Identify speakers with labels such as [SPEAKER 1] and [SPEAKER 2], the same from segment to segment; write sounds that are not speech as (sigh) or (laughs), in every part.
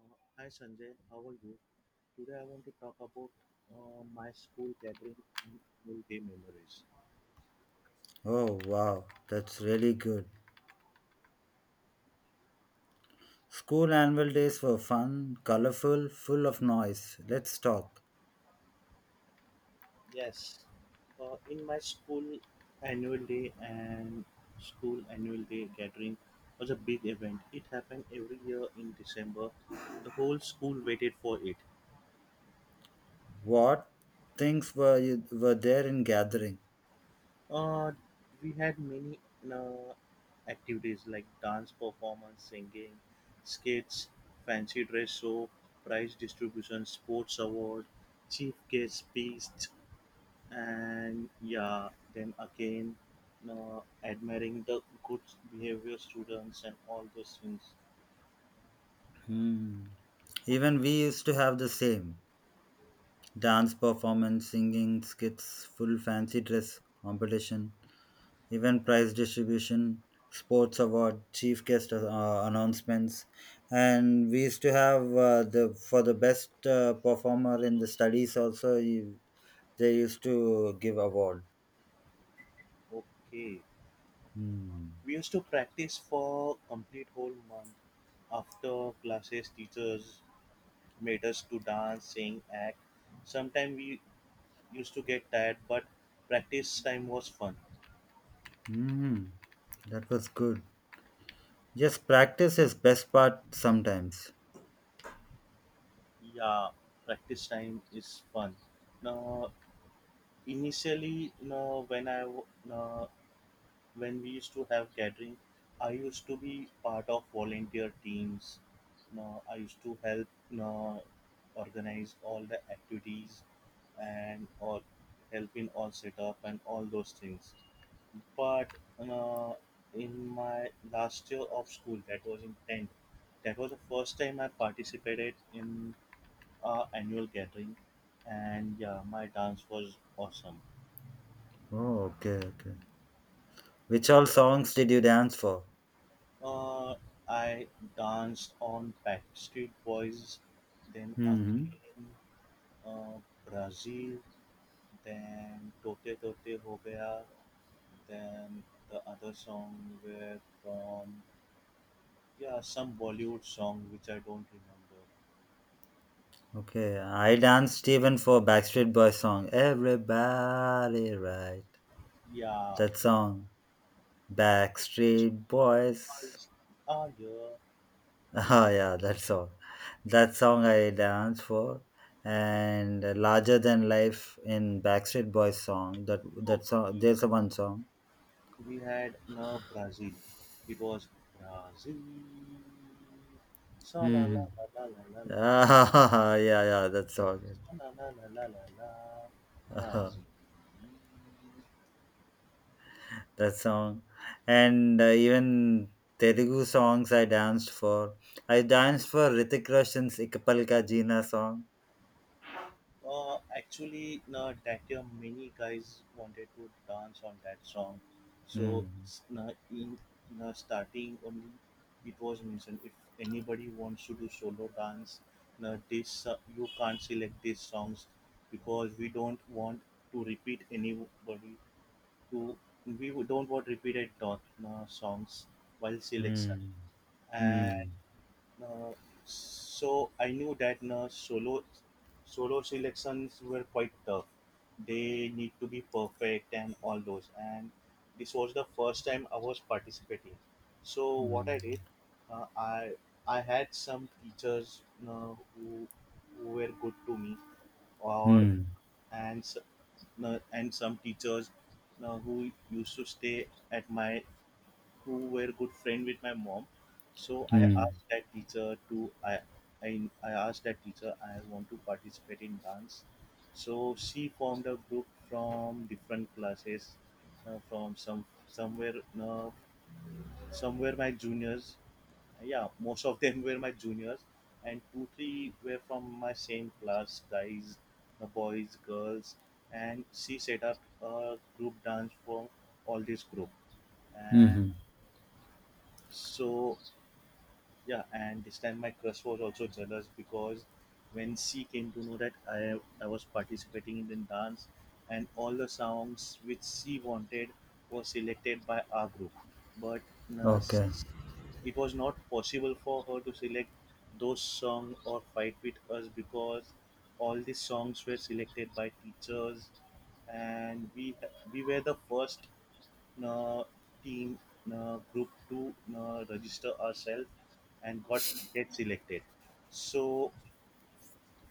[SPEAKER 1] Hi Sanjay, how are you? Today I want to talk about my school gathering and annual day memories.
[SPEAKER 2] Oh, wow, that's really good. School annual days were fun, colorful, full of noise. Let's talk.
[SPEAKER 1] Yes, in my school annual day and school annual day gathering was a big event. It happened every year in December. The whole school waited for it.
[SPEAKER 2] What were there in gathering?
[SPEAKER 1] Uh, we had many uh, activities like dance performance, singing, skits, fancy dress show, prize distribution, sports award, chief guest speech, and yeah, then again, admiring the good behavior students and all those things.
[SPEAKER 2] Hmm. Even we used to have the same dance performance, singing skits, full fancy dress competition, even prize distribution, sports award, chief guest announcements, and we used to have the for the best performer in the studies also. They used to give award.
[SPEAKER 1] Okay,
[SPEAKER 2] Hmm.
[SPEAKER 1] we used to practice for complete whole month. After classes, teachers made us to dance, sing, act sometimes we used to get tired, but practice time was fun.
[SPEAKER 2] hmm That was good. Yes, practice is best part sometimes.
[SPEAKER 1] Yeah, practice time is fun. Now, initially, no, when I w- no, when we used to have gathering, I used to be part of volunteer teams. No, I used to help No, organize all the activities and all help in all setup and all those things. But uh, in my last year of school, that was in 10th, that was the first time I participated in annual gathering, and yeah, my dance was awesome.
[SPEAKER 2] Oh, okay, okay. Which all songs did you dance for?
[SPEAKER 1] Uh, I danced on Backstreet Boys, then
[SPEAKER 2] Hmm
[SPEAKER 1] again uh, Brazil, then Tote Tote Ho Gaya, then the other song were from yeah some Bollywood song which I don't remember.
[SPEAKER 2] Okay, I danced even for Backstreet Boys song. Everybody right.
[SPEAKER 1] Yeah,
[SPEAKER 2] That song. Backstreet
[SPEAKER 1] it
[SPEAKER 2] Boys.
[SPEAKER 1] was a year.
[SPEAKER 2] (laughs) Ah, yeah, that song. That song I danced for, and larger than life in Backstreet Boys song.
[SPEAKER 1] No,
[SPEAKER 2] That song.
[SPEAKER 1] we,
[SPEAKER 2] There's a one song.
[SPEAKER 1] we had no Brazil. It was Brazil. Sa la la
[SPEAKER 2] Hmm
[SPEAKER 1] la la la la la la.
[SPEAKER 2] Ah, (laughs) yeah, yeah, that song.
[SPEAKER 1] Sa la la la la la la.
[SPEAKER 2] (laughs) That
[SPEAKER 1] Brazil.
[SPEAKER 2] song, and even Telugu songs I danced for. I danced for Ritik Roshan's "Ikapal Ka Jina song.
[SPEAKER 1] Actually, na, that year many guys wanted to dance on that song. So,
[SPEAKER 2] Mm,
[SPEAKER 1] na, in na, starting only, it was mentioned if anybody wants to do solo dance, na, this you can't select these songs because we don't want to repeat anybody to we don't want repeated dot na, songs while selection.
[SPEAKER 2] mm, mm,
[SPEAKER 1] Uh, so I knew that solo selections were quite tough. They need to be perfect and all those. And this was the first time I was participating. So what I did, uh, I I had some teachers who were good to me, or
[SPEAKER 2] mm,
[SPEAKER 1] and s- and some teachers who used to stay at my who were good friend with my mom. So I
[SPEAKER 2] mm,
[SPEAKER 1] asked that teacher to I I asked that teacher I want to participate in dance. So she formed a group from different classes, from somewhere uh, somewhere my juniors. Yeah, most of them were my juniors, and 2 3 were from my same class, guys, boys, girls, and she set up a group dance for all this group, and
[SPEAKER 2] mm,
[SPEAKER 1] so yeah, and this time my crush was also jealous because when she came to know that I was participating in the dance and all the songs which she wanted was selected by our group, but uh,
[SPEAKER 2] okay.
[SPEAKER 1] s- it was not possible for her to select those songs or fight with us because all these songs were selected by teachers, and we were the first uh, team group to register ourselves and got get selected. So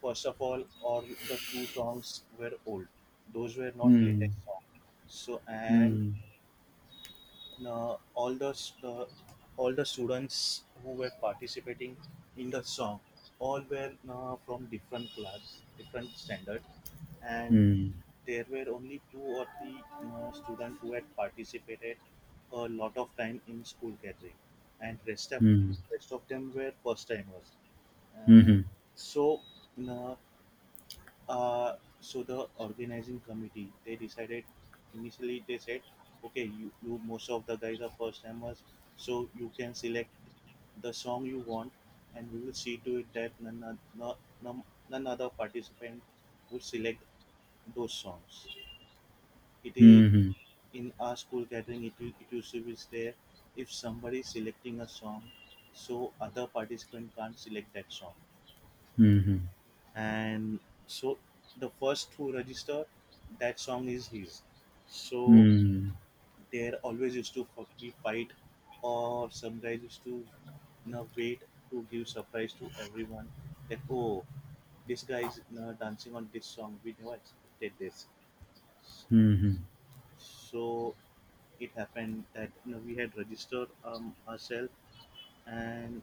[SPEAKER 1] first of all the two songs were old; those were not
[SPEAKER 2] Mm,
[SPEAKER 1] latest song. So and
[SPEAKER 2] mm,
[SPEAKER 1] uh, all the uh, all the students who were participating in the song all were from different class different standard, and
[SPEAKER 2] mm.
[SPEAKER 1] there were only two or three students who had participated a lot of time in school gathering, and rest of
[SPEAKER 2] Mhm.
[SPEAKER 1] rest of them were first timers. And
[SPEAKER 2] Mhm.
[SPEAKER 1] so uh, so the organizing committee they decided initially they said okay you most of the guys are first timers so you can select the song you want, and we will see to it that none none other participant would select those songs. It is
[SPEAKER 2] Mhm.
[SPEAKER 1] in our school gathering it, it usually is there if somebody is selecting a song, so other participant can't select that song.
[SPEAKER 2] Mhm.
[SPEAKER 1] And so the first who register that song is his, so
[SPEAKER 2] Mhm.
[SPEAKER 1] there always used to be fight, or some guys used to you know, wait to give surprise to everyone that oh this guy is you know, dancing on this song we never expected this.
[SPEAKER 2] Mhm.
[SPEAKER 1] So it happened that you know, we had registered ourselves, and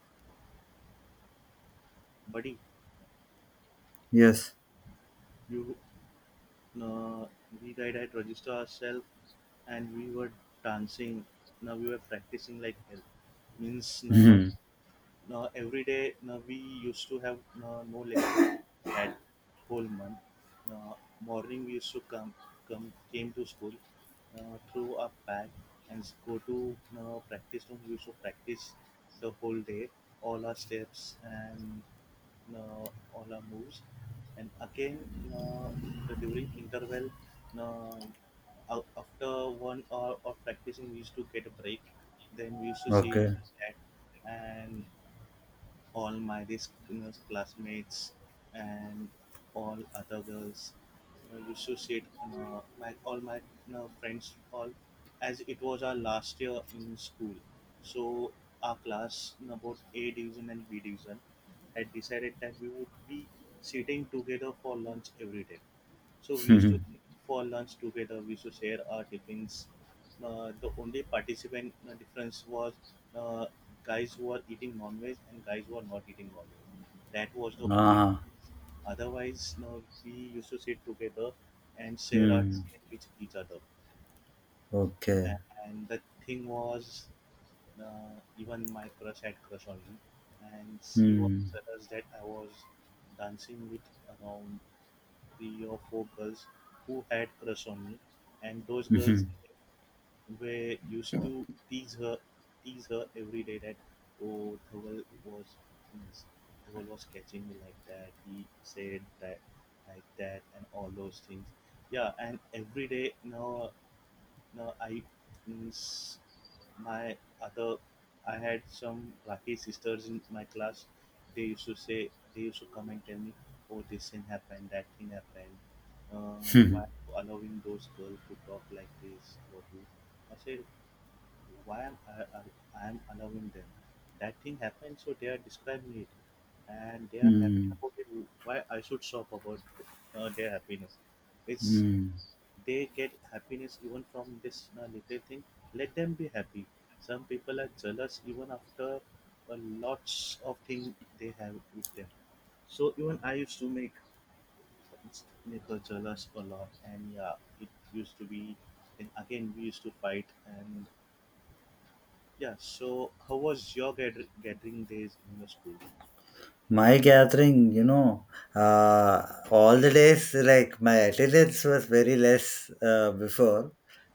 [SPEAKER 1] buddy
[SPEAKER 2] Yes.
[SPEAKER 1] you uh, we guys had registered ourselves, and we were dancing. Now we were practicing like hell, means now
[SPEAKER 2] Mhm.
[SPEAKER 1] now, every day now we used to have no no lectures that whole month. Now, morning we used to come, came to school, now throw a bag and go to now practice room. We used to practice the whole day, all our steps and now all our moves. And again, now the during interval, now after 1 hour of practicing, we used to get a break. Then we used to sit
[SPEAKER 2] Okay.
[SPEAKER 1] at and all my this you know, classmates and all other girls you know, used to sit you know, my all my you know, friends all, as it was our last year in school, so our class in about a division and b division had decided that we would be sitting together for lunch every day, so
[SPEAKER 2] (laughs)
[SPEAKER 1] we used to
[SPEAKER 2] Mhm.
[SPEAKER 1] sit for lunch together, we used to share our tiffins. The only participant difference was uh, guys who were eating non-veg and guys who were not eating non-veg. That was the only
[SPEAKER 2] Ah.
[SPEAKER 1] difference. Otherwise, no, we used to sit together and share our
[SPEAKER 2] Mhm.
[SPEAKER 1] time with each other.
[SPEAKER 2] Okay.
[SPEAKER 1] And, and the thing was, even my crush had crush on me, and she was
[SPEAKER 2] Mhm.
[SPEAKER 1] jealous that I was dancing with around three or four girls who had crush on me, and those girls
[SPEAKER 2] Mhm.
[SPEAKER 1] we used to tease her every day that oh Dhaval was catching me like that he said that like that and all those things. Yeah, and every day now now I means my other I had some lucky sisters in my class, they used to say they used to come and tell me oh this thing happened that thing happened, uh,
[SPEAKER 2] Mhm.
[SPEAKER 1] why allowing those girls to talk like this about you. I said, why am I am allowing them. That thing happened, so they are describing it, and they are happy
[SPEAKER 2] Mhm.
[SPEAKER 1] about it. Why I should stop about their happiness? It's
[SPEAKER 2] Mhm. (laughs)
[SPEAKER 1] they get happiness even from this little thing. Let them be happy. Some people are jealous even after lots of things they have with them. So even I used to make her jealous a lot, and yeah, it used to be. And again, we used to fight, and yeah, so how was your gathering days in your school?
[SPEAKER 2] My gathering, you know, uh, all the days, like my attendance was very less before,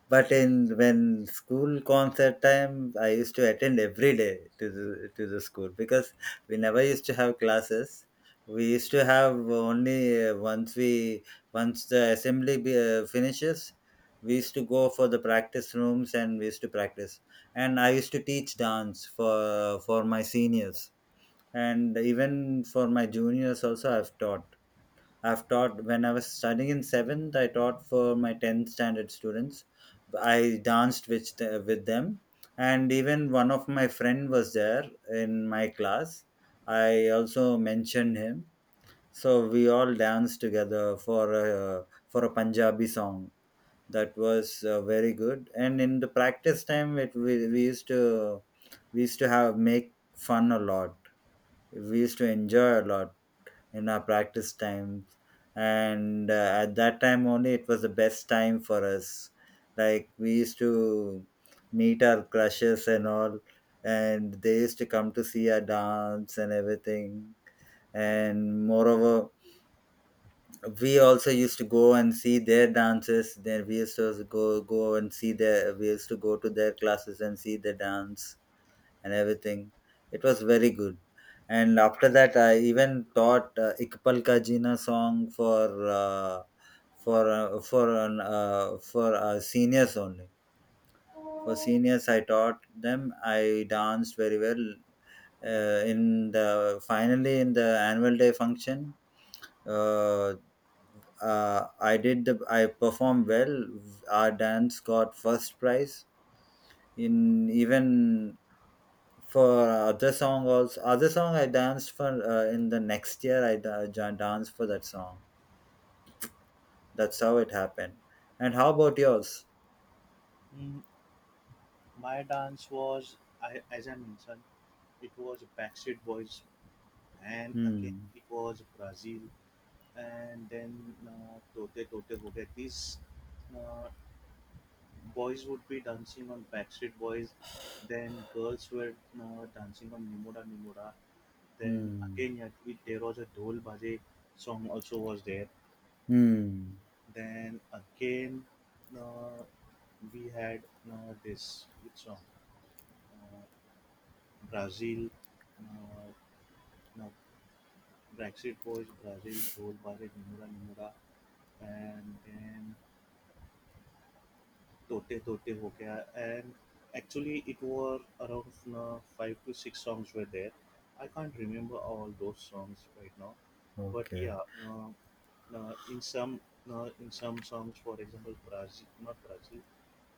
[SPEAKER 2] but in when school concert time, I used to attend every day to the school because we never used to have classes. We used to have only once the assembly finishes, we used to go for the practice rooms and we used to practice. And I used to teach dance for my seniors and even for my juniors also I've taught. When I was studying in 7th, I taught for my 10th standard students. I danced with, with them, and even one of my friend was there in my class. I also mentioned him, so we all danced together for a Punjabi song. That was very good, and in the practice time we used to have make fun a lot. We used to enjoy a lot in our practice times, and at that time only it was the best time for us. Like we used to meet our crushes and all, and they used to come to see our dance and everything. And moreover, we also used to go and see their dances. Then we used to go go and see their we used to go to their classes and see the dance and everything. It was very good. And after that, I even taught Ikpal Ka Jeena song for seniors only. For seniors, I taught them. I danced very well in the finally in the annual day function. Uh, I did the I performed well. Our dance got first prize in even for other song also. Other song I danced for in the next year. I danced for that song. That's how it happened. And how about yours?
[SPEAKER 1] Mm, my dance was, I, as I mentioned, it was Backstreet Boys, and again
[SPEAKER 2] Hmm
[SPEAKER 1] it was Brazil, and then Tote Tote Ho Gaya. These uh, boys would be dancing on Backstreet Boys, then girls were dancing on Nimora Nimora. Then again,
[SPEAKER 2] hmm
[SPEAKER 1] yeah, it, there was a Dhol Baje song also was there.
[SPEAKER 2] hmm
[SPEAKER 1] Then again, uh, we had this which song, uh, Brazil, uh, no, Brexit Boys, Brazil, Dol Bare Nimura Nimura, and then Tote Tote Ho Gaya. And actually, it were around five to six songs were there. I can't remember all those songs right now, but
[SPEAKER 2] okay.
[SPEAKER 1] yeah, uh, uh, in some in some songs, for example, Brazil, not Brazil,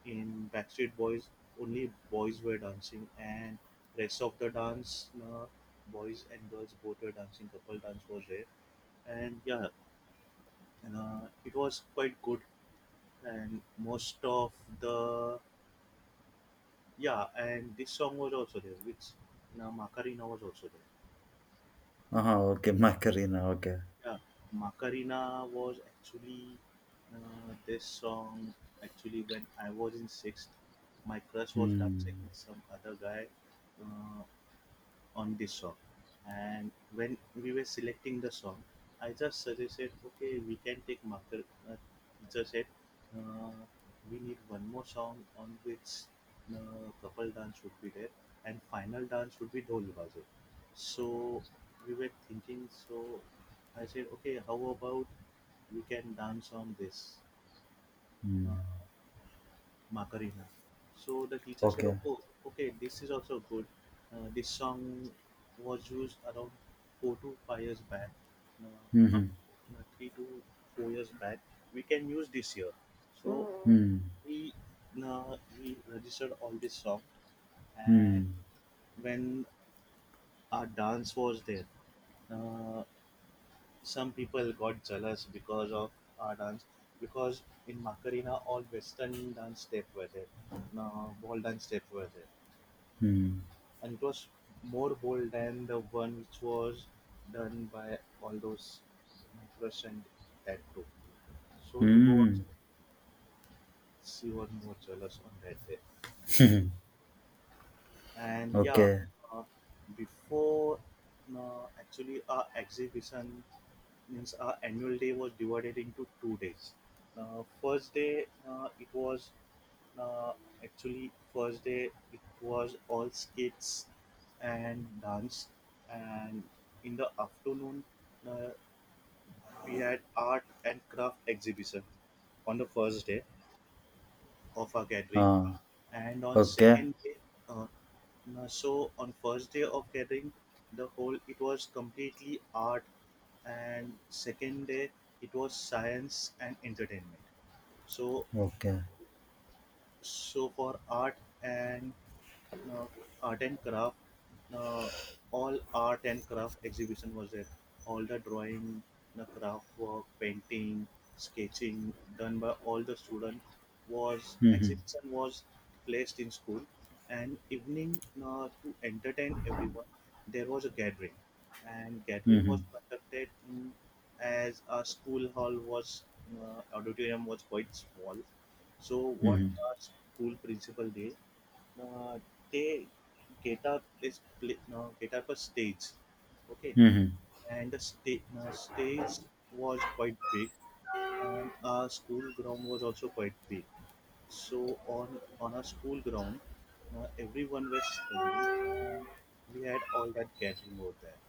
[SPEAKER 1] in Backstreet Boys, only boys were dancing, and rest of the dance, boys and girls both were dancing. Couple dance was there, and yeah, and, it was quite good. And most of the yeah, and this song was also there, which Macarena was also there.
[SPEAKER 2] Uh-huh, okay. (laughs) Macarena, okay.
[SPEAKER 1] Yeah, Macarena was actually this song. Actually, when I was in sixth, my crush was dancing
[SPEAKER 2] hmm
[SPEAKER 1] with some other guy. Uh, on this song. And when we were selecting the song, I just suggested, okay, we can take marker. Uh, Teacher said, uh, we need one more song on which couple dance should be there, and final dance should be dhol baje. So we were thinking. So I said, okay, how about we can dance on this? Uh,
[SPEAKER 2] hmm.
[SPEAKER 1] Macarena. So the teacher said,
[SPEAKER 2] Okay.
[SPEAKER 1] okay, okay this is also good. This song was used around 4 to 5 years back, no, not
[SPEAKER 2] hmm
[SPEAKER 1] no, 3 to 4 years back. We can use this year. So Mm.
[SPEAKER 2] hmm
[SPEAKER 1] we we registered all this song, and
[SPEAKER 2] hmm
[SPEAKER 1] when our dance was there, uh, some people got jealous because of our dance because in Macarena all western dance step were there, no, ball dance step were there,
[SPEAKER 2] hmm
[SPEAKER 1] and it was more bold than the one which was done by all those micros and that group. So
[SPEAKER 2] hmm
[SPEAKER 1] it
[SPEAKER 2] hmm.
[SPEAKER 1] was she was more jealous on that day. And yeah,
[SPEAKER 2] Okay.
[SPEAKER 1] uh, before actually our exhibition means our annual day was divided into 2 days. First day, it was uh, actually first day it was all skits and dance, and in the afternoon, uh, we had art and craft exhibition on the first day of our gathering.
[SPEAKER 2] Ah.
[SPEAKER 1] And on
[SPEAKER 2] okay
[SPEAKER 1] second day, uh, no, so on first day of gathering the whole it was completely art, and second day it was science and entertainment. So
[SPEAKER 2] okay
[SPEAKER 1] so for art and, no, art and craft, no, all art and craft exhibition was there. All the drawing, the craft work, painting, sketching done by all the students was
[SPEAKER 2] hmm hmm
[SPEAKER 1] exhibition was placed in school. And evening, no, to entertain everyone there was a gathering, and gathering was
[SPEAKER 2] hmm
[SPEAKER 1] conducted in, as a school hall was, auditorium was quite small. So what
[SPEAKER 2] hmm
[SPEAKER 1] our school principal did, uh, they get up this pla get up a stage, okay.
[SPEAKER 2] hmm, hmm.
[SPEAKER 1] And the stage was quite big, and our school ground was also quite big. So on our school ground, everyone was standing, and we had all that gathering over there.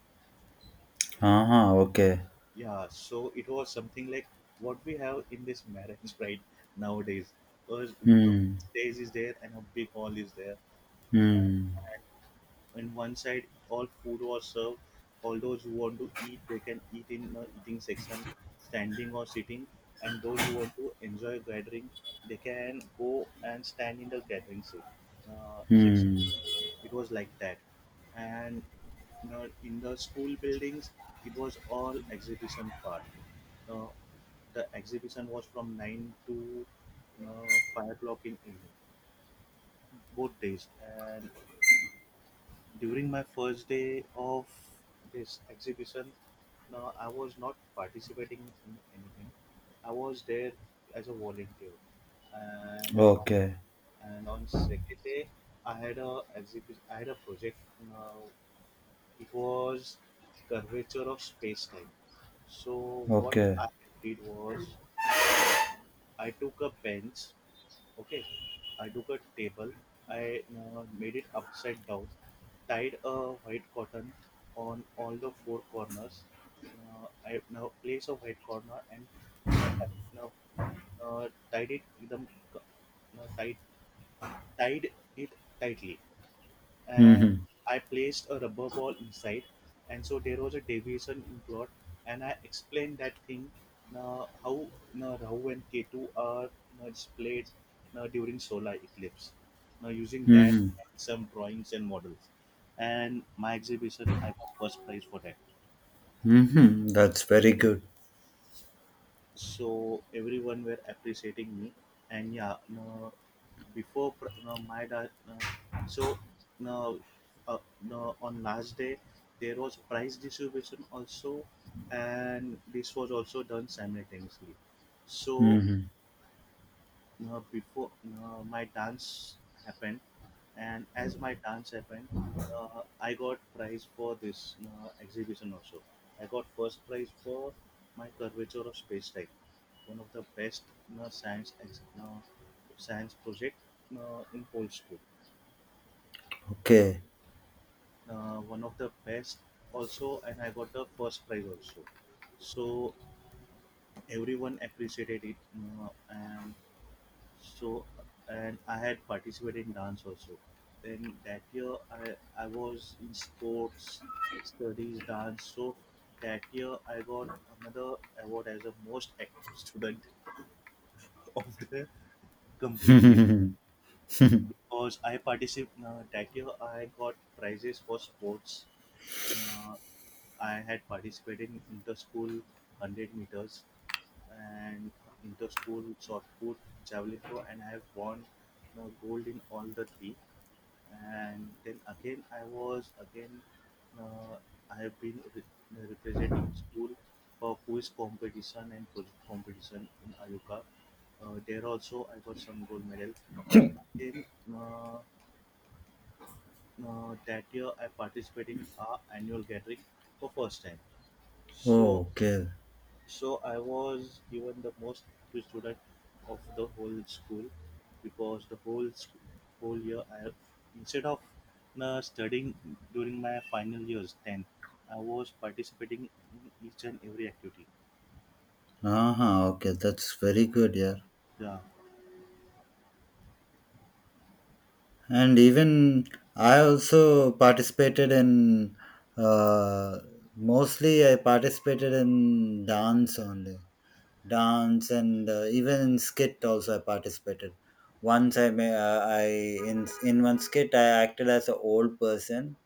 [SPEAKER 2] uh-huh okay
[SPEAKER 1] Yeah, so it was something like what we have in this marriage (laughs) right nowadays. A a,
[SPEAKER 2] hmm
[SPEAKER 1] stage is there and a big hall is there. And
[SPEAKER 2] Hmm.
[SPEAKER 1] on one side, all food was served. All those who want to eat, they can eat in a eating section, standing or sitting. And those who want to enjoy gathering, they can go and stand in the gathering section.
[SPEAKER 2] Hmm.
[SPEAKER 1] It was like that. And you know, in the school buildings, it was all exhibition part. Now, the exhibition was from 9 to 5 o'clock in evening, both days. And during my first day of this exhibition, no, I was not participating in anything. I was there as a volunteer, and on,
[SPEAKER 2] Okay.
[SPEAKER 1] and on second day, I had a exhibition. I had a project. Now it was curvature of space time. So what
[SPEAKER 2] Okay.
[SPEAKER 1] I did was I took a bench. Okay, I took a table. I made it upside down, tied a white cotton on all the four corners. I now place a white corner and now, now tied it with the now tied it tightly, and
[SPEAKER 2] Mm-hmm.
[SPEAKER 1] I placed a rubber ball inside, and so there was a deviation in plot. And I explained that thing, how Rahu and Ketu are displayed during solar eclipse. Now using that
[SPEAKER 2] Mm-hmm.
[SPEAKER 1] and some drawings and models, and my exhibition, I got first prize for that.
[SPEAKER 2] Mm-hmm. That's very good.
[SPEAKER 1] So everyone were appreciating me. And yeah, no, before pr- no, my da- no, so no, no, on last day there was prize distribution also, and this was also done simultaneously. So
[SPEAKER 2] Mm-hmm.
[SPEAKER 1] before my dance happened, and as my dance happened, I got prize for this exhibition also. I got first prize for my curvature of space time, one of the best uh, science ex- uh, science project in whole school,
[SPEAKER 2] Okay.
[SPEAKER 1] one of the best also, and I got the first prize also. So everyone appreciated it, and so, and I had participated in dance also. Then that year I was in sports, studies, dance. So that year I got another award as a most active student (laughs) of the complete year,
[SPEAKER 2] Mm.
[SPEAKER 1] because I participated, that year I got prizes for sports. uh, I had participated in inter school 100 meters and inter school shot put, javelin throw, and I have won gold in all the three. And then again, I was again, uh, I have been representing school for quiz competition and project competition in Ayuka. There also, I got some gold medal, and again, uh, that year I participated in our annual gathering for first time.
[SPEAKER 2] Oh,
[SPEAKER 1] So
[SPEAKER 2] okay.
[SPEAKER 1] so I was given the most active student of the whole school, because the whole school, whole year I, instead of studying during my final years 10, I was participating in each and every activity.
[SPEAKER 2] Uh-huh. Okay. That's very good, yeah.
[SPEAKER 1] Yeah.
[SPEAKER 2] And even I also participated in uh mostly I participated in dance only. Dance and even in skit also I participated. Once I may I In one skit I acted as an old person,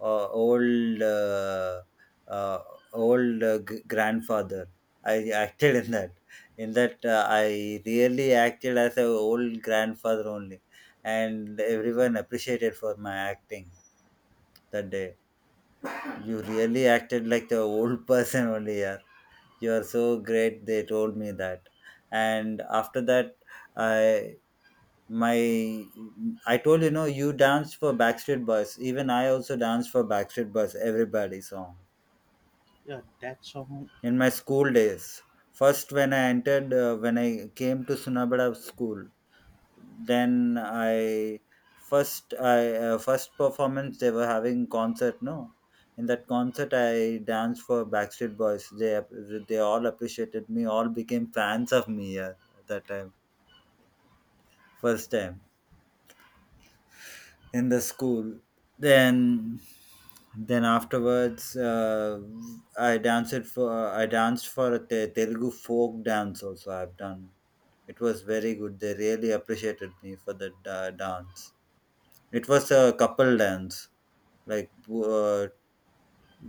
[SPEAKER 2] uh, old uh, uh, grandfather. I acted in
[SPEAKER 1] Yeah,
[SPEAKER 2] that. In that, I really acted as a old grandfather only, and everyone appreciated for my acting that day. You really acted like the old (laughs) person only, yeah. You are so great. They told me that, and after that, I my I told you know you danced for Backstreet Boys. Even I also danced for Backstreet Boys. Everybody song
[SPEAKER 1] yeah, that song.
[SPEAKER 2] in my school days. First, when I entered, when I came to Sunabada school, then I first performance they were having concert. No, in that concert I danced for Backstreet Boys. They all appreciated me. All became fans of me at that time. First time in the school. Then then afterwards, I danced for a Telugu folk dance also I've done. It was very good. They really appreciated me for the dance. It was a couple dance, like, uh,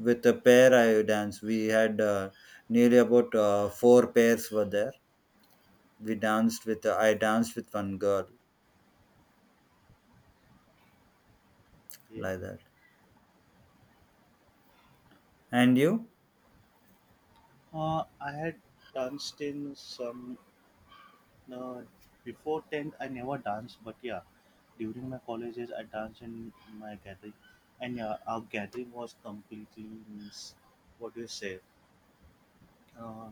[SPEAKER 2] with a pair I danced. We had nearly about four pairs were there. We danced with I danced with one girl
[SPEAKER 1] Yeah.
[SPEAKER 2] like that. And you?
[SPEAKER 1] I had danced in some, uh, before tenth, I never danced, but yeah. During my college days, I danced in my gathering, and yeah, our gathering was completely means, what do you say? Uh,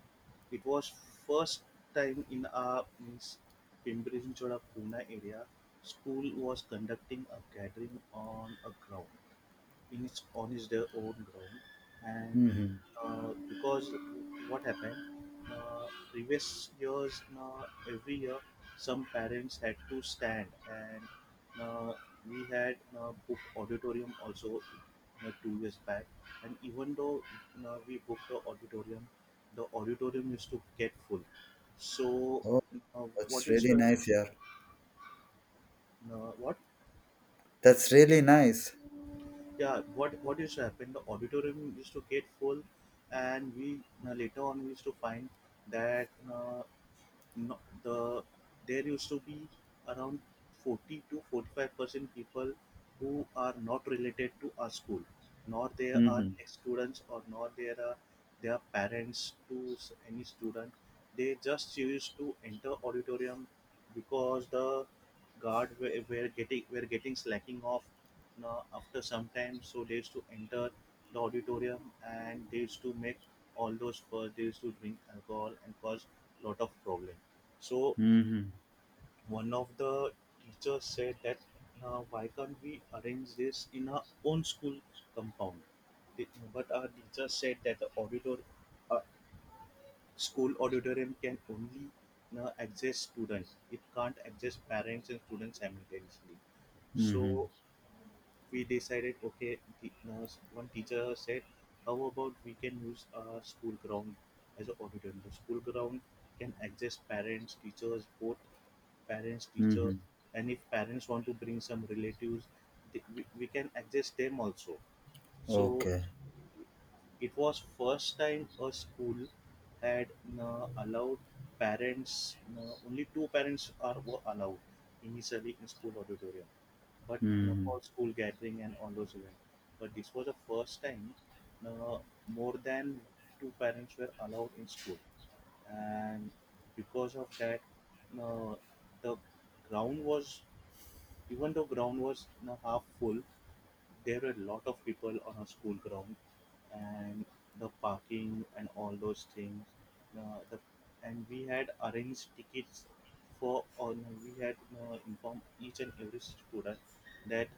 [SPEAKER 1] it was first time in our means Pimpri Chinchwada Pune area. School was conducting a gathering on a ground. In its on his their own ground. And
[SPEAKER 2] Hmm
[SPEAKER 1] because what happened, uh, previous years, every year some parents had to stand, and uh, we had booked auditorium also 2 years back. And even though we booked the auditorium, the auditorium used to get full. So
[SPEAKER 2] oh, that's
[SPEAKER 1] what used
[SPEAKER 2] really
[SPEAKER 1] to
[SPEAKER 2] nice, yeah.
[SPEAKER 1] what
[SPEAKER 2] That's really nice.
[SPEAKER 1] yeah, what used to happen, the auditorium used to get full, and we, later on we used to find that, no, the there used to be around 40 to 45% people who are not related to our school, nor they are
[SPEAKER 2] Mm-hmm.
[SPEAKER 1] students, or nor there are their parents to any student. They just used to enter auditorium, because the guard were getting slacking off now after some time, so they used to enter the auditorium, and they used to make all those, first they used to drink alcohol and cause lot of problem. So
[SPEAKER 2] Mm-hmm.
[SPEAKER 1] one of the teachers said that, why can't we arrange this in our own school compound? The- But our teacher said that the auditor, uh, school auditorium can only adjust student. It can't adjust parents and students simultaneously.
[SPEAKER 2] Mm-hmm.
[SPEAKER 1] So we decided okay the, one teacher said, how about we can use a school ground as an auditorium, the school ground can adjust parents teachers both, parents teacher.
[SPEAKER 2] Mm-hmm.
[SPEAKER 1] And if parents want to bring some relatives, we can adjust them also. So
[SPEAKER 2] Okay.
[SPEAKER 1] it was first time a school had allowed parents, only two parents are were allowed initially in school auditorium, but not
[SPEAKER 2] Mm-hmm.
[SPEAKER 1] for school gathering and all those events. But this was the first time, uh, more than two parents were allowed in school. And because of that, uh, the ground was, even though ground was half full, there were a lot of people on a school ground. And the parking and all those things, uh, the, and we had arranged tickets for on we had informed each and every student that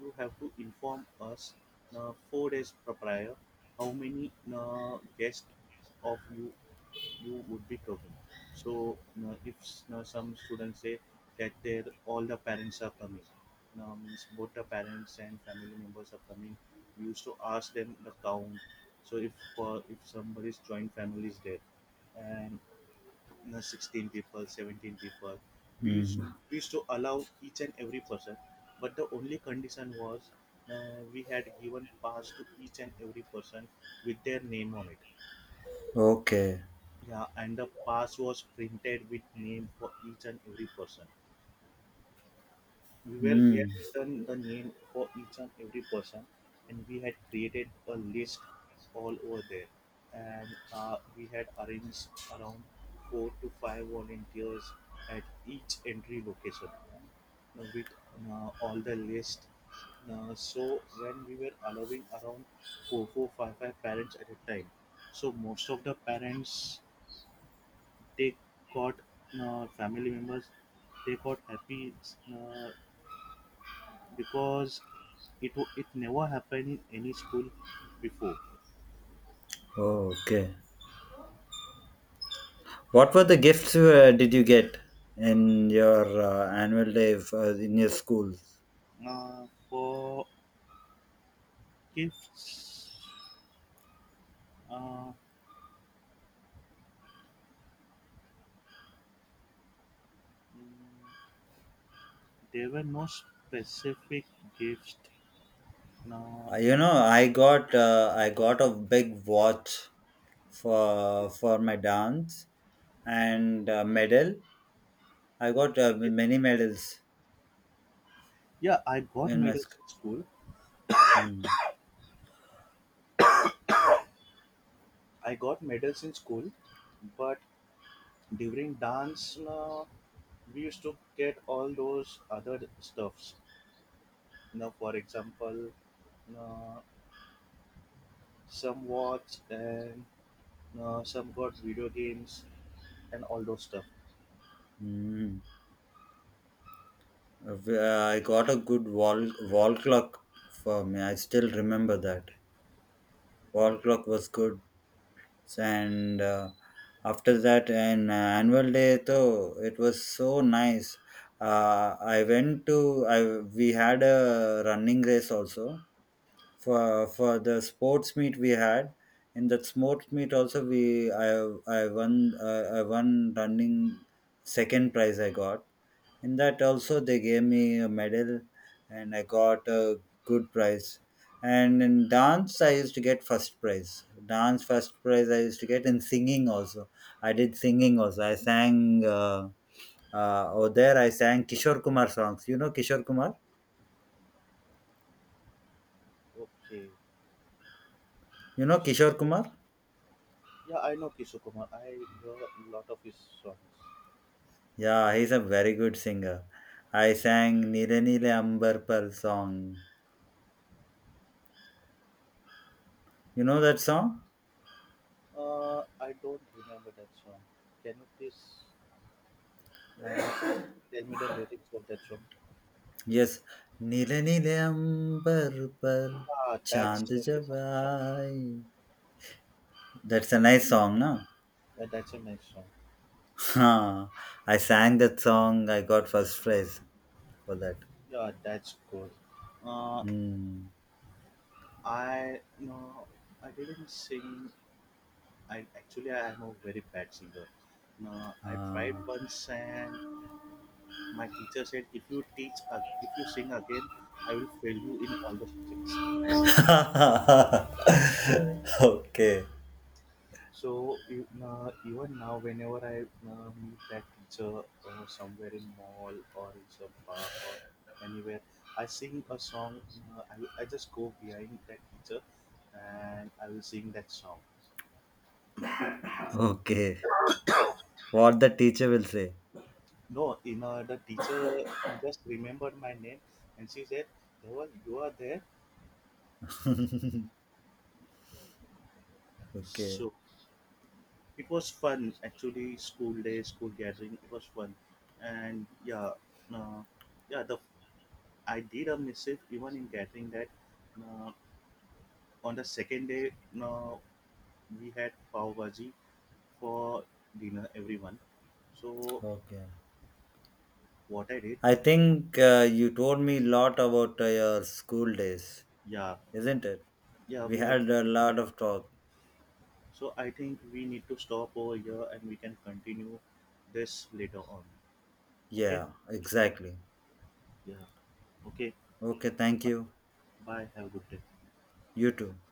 [SPEAKER 1] you have to inform us 4 days prior how many guests of you you would be talking. So now if some students say that their all the parents are coming, now means both the parents and family members are coming, we used to ask them the count. So if somebody's joint family is there, and you know, 16 people, 17 people, we used,
[SPEAKER 2] Mm-hmm.
[SPEAKER 1] we used to allow each and every person. But the only condition was, uh, we had given pass to each and every person with their name on it.
[SPEAKER 2] Okay.
[SPEAKER 1] Yeah, and the pass was printed with name for each and every person. We were, we had
[SPEAKER 2] Mm.
[SPEAKER 1] written the name for each and every person, and we had created a list all over there. And we had arranged around four to five volunteers at each entry location with all the list. So when we were allowing around four, five parents at a time, so most of the parents, they got family members, they got happy, uh, because it it never happened in any school before.
[SPEAKER 2] Okay. What were the gifts did you get in your annual day in your school?
[SPEAKER 1] Uh, for gifts, uh, mm, there were no specific gifts, no.
[SPEAKER 2] You
[SPEAKER 1] I,
[SPEAKER 2] know, I got a big watch for my dance and medal. I got many medals
[SPEAKER 1] yeah, I got
[SPEAKER 2] in my
[SPEAKER 1] medals in school.
[SPEAKER 2] school.
[SPEAKER 1] I got medals in school, but during dance, uh, we used to get all those other stuffs, you know, for example, Uh, some watch, and some got video games and all those stuff.
[SPEAKER 2] Mm. I got a good wall clock for me. I still remember that wall clock was good. And after that, and annual day though, it was so nice. I went to I We had a running race also for the sports meet we had. In that sports meet also we I won I won running second prize I got. In that also they gave me a medal, and I got a good prize. And in dance I used to get first prize. Dance first prize I used to get. In singing also I sang, over there I sang Kishore Kumar songs. You know Kishore Kumar?
[SPEAKER 1] Okay.
[SPEAKER 2] you know kishore
[SPEAKER 1] So,
[SPEAKER 2] kumar
[SPEAKER 1] yeah, I know Kishore Kumar. I hear a lot of his songs.
[SPEAKER 2] yeah, he's a very good singer. I sang "Nile Nile Ambar Par" song. You know that song?
[SPEAKER 1] I don't remember that song. Can you please uh, tell me the lyrics of that song?
[SPEAKER 2] Yes, Nila Nila Ambar Par
[SPEAKER 1] Ah, that's
[SPEAKER 2] Chand
[SPEAKER 1] a
[SPEAKER 2] Jab
[SPEAKER 1] famous song.
[SPEAKER 2] Aaye. That's a nice song, no? (laughs)
[SPEAKER 1] Yeah, that's a nice song.
[SPEAKER 2] Huh. I sang that song. I got first prize for that.
[SPEAKER 1] Yeah, that's good. Uh,
[SPEAKER 2] Hmm.
[SPEAKER 1] I no, I didn't sing. I actually I am a very bad singer. No, I tried
[SPEAKER 2] Ah.
[SPEAKER 1] once, and my teacher said, if you teach, if you sing again, I will fail you in all the subjects.
[SPEAKER 2] (laughs) Okay.
[SPEAKER 1] So you, even now, whenever I meet that teacher or somewhere in mall or in some park or anywhere, I sing a song. I just go behind that teacher and I will sing that song.
[SPEAKER 2] Okay. What the teacher will say.
[SPEAKER 1] No, you know, the teacher just remembered my name and she said, Dhaval, you are there.
[SPEAKER 2] Okay.
[SPEAKER 1] So it was fun actually. School day, school gathering. It was fun, and yeah, uh, yeah. The I did a missive even in gathering that. Uh, on the second day, uh, we had pav bhaji for dinner. Everyone. So
[SPEAKER 2] Okay.
[SPEAKER 1] what I did,
[SPEAKER 2] I think you told me a lot about your school days,
[SPEAKER 1] yeah,
[SPEAKER 2] isn't it?
[SPEAKER 1] yeah,
[SPEAKER 2] We
[SPEAKER 1] we have.
[SPEAKER 2] had a lot of talk.
[SPEAKER 1] So I think we need to stop over here and we can continue this later on. Okay,
[SPEAKER 2] Yeah, exactly.
[SPEAKER 1] yeah, okay.
[SPEAKER 2] Okay, thank
[SPEAKER 1] Bye.
[SPEAKER 2] you.
[SPEAKER 1] Bye. Have a good day.
[SPEAKER 2] You too.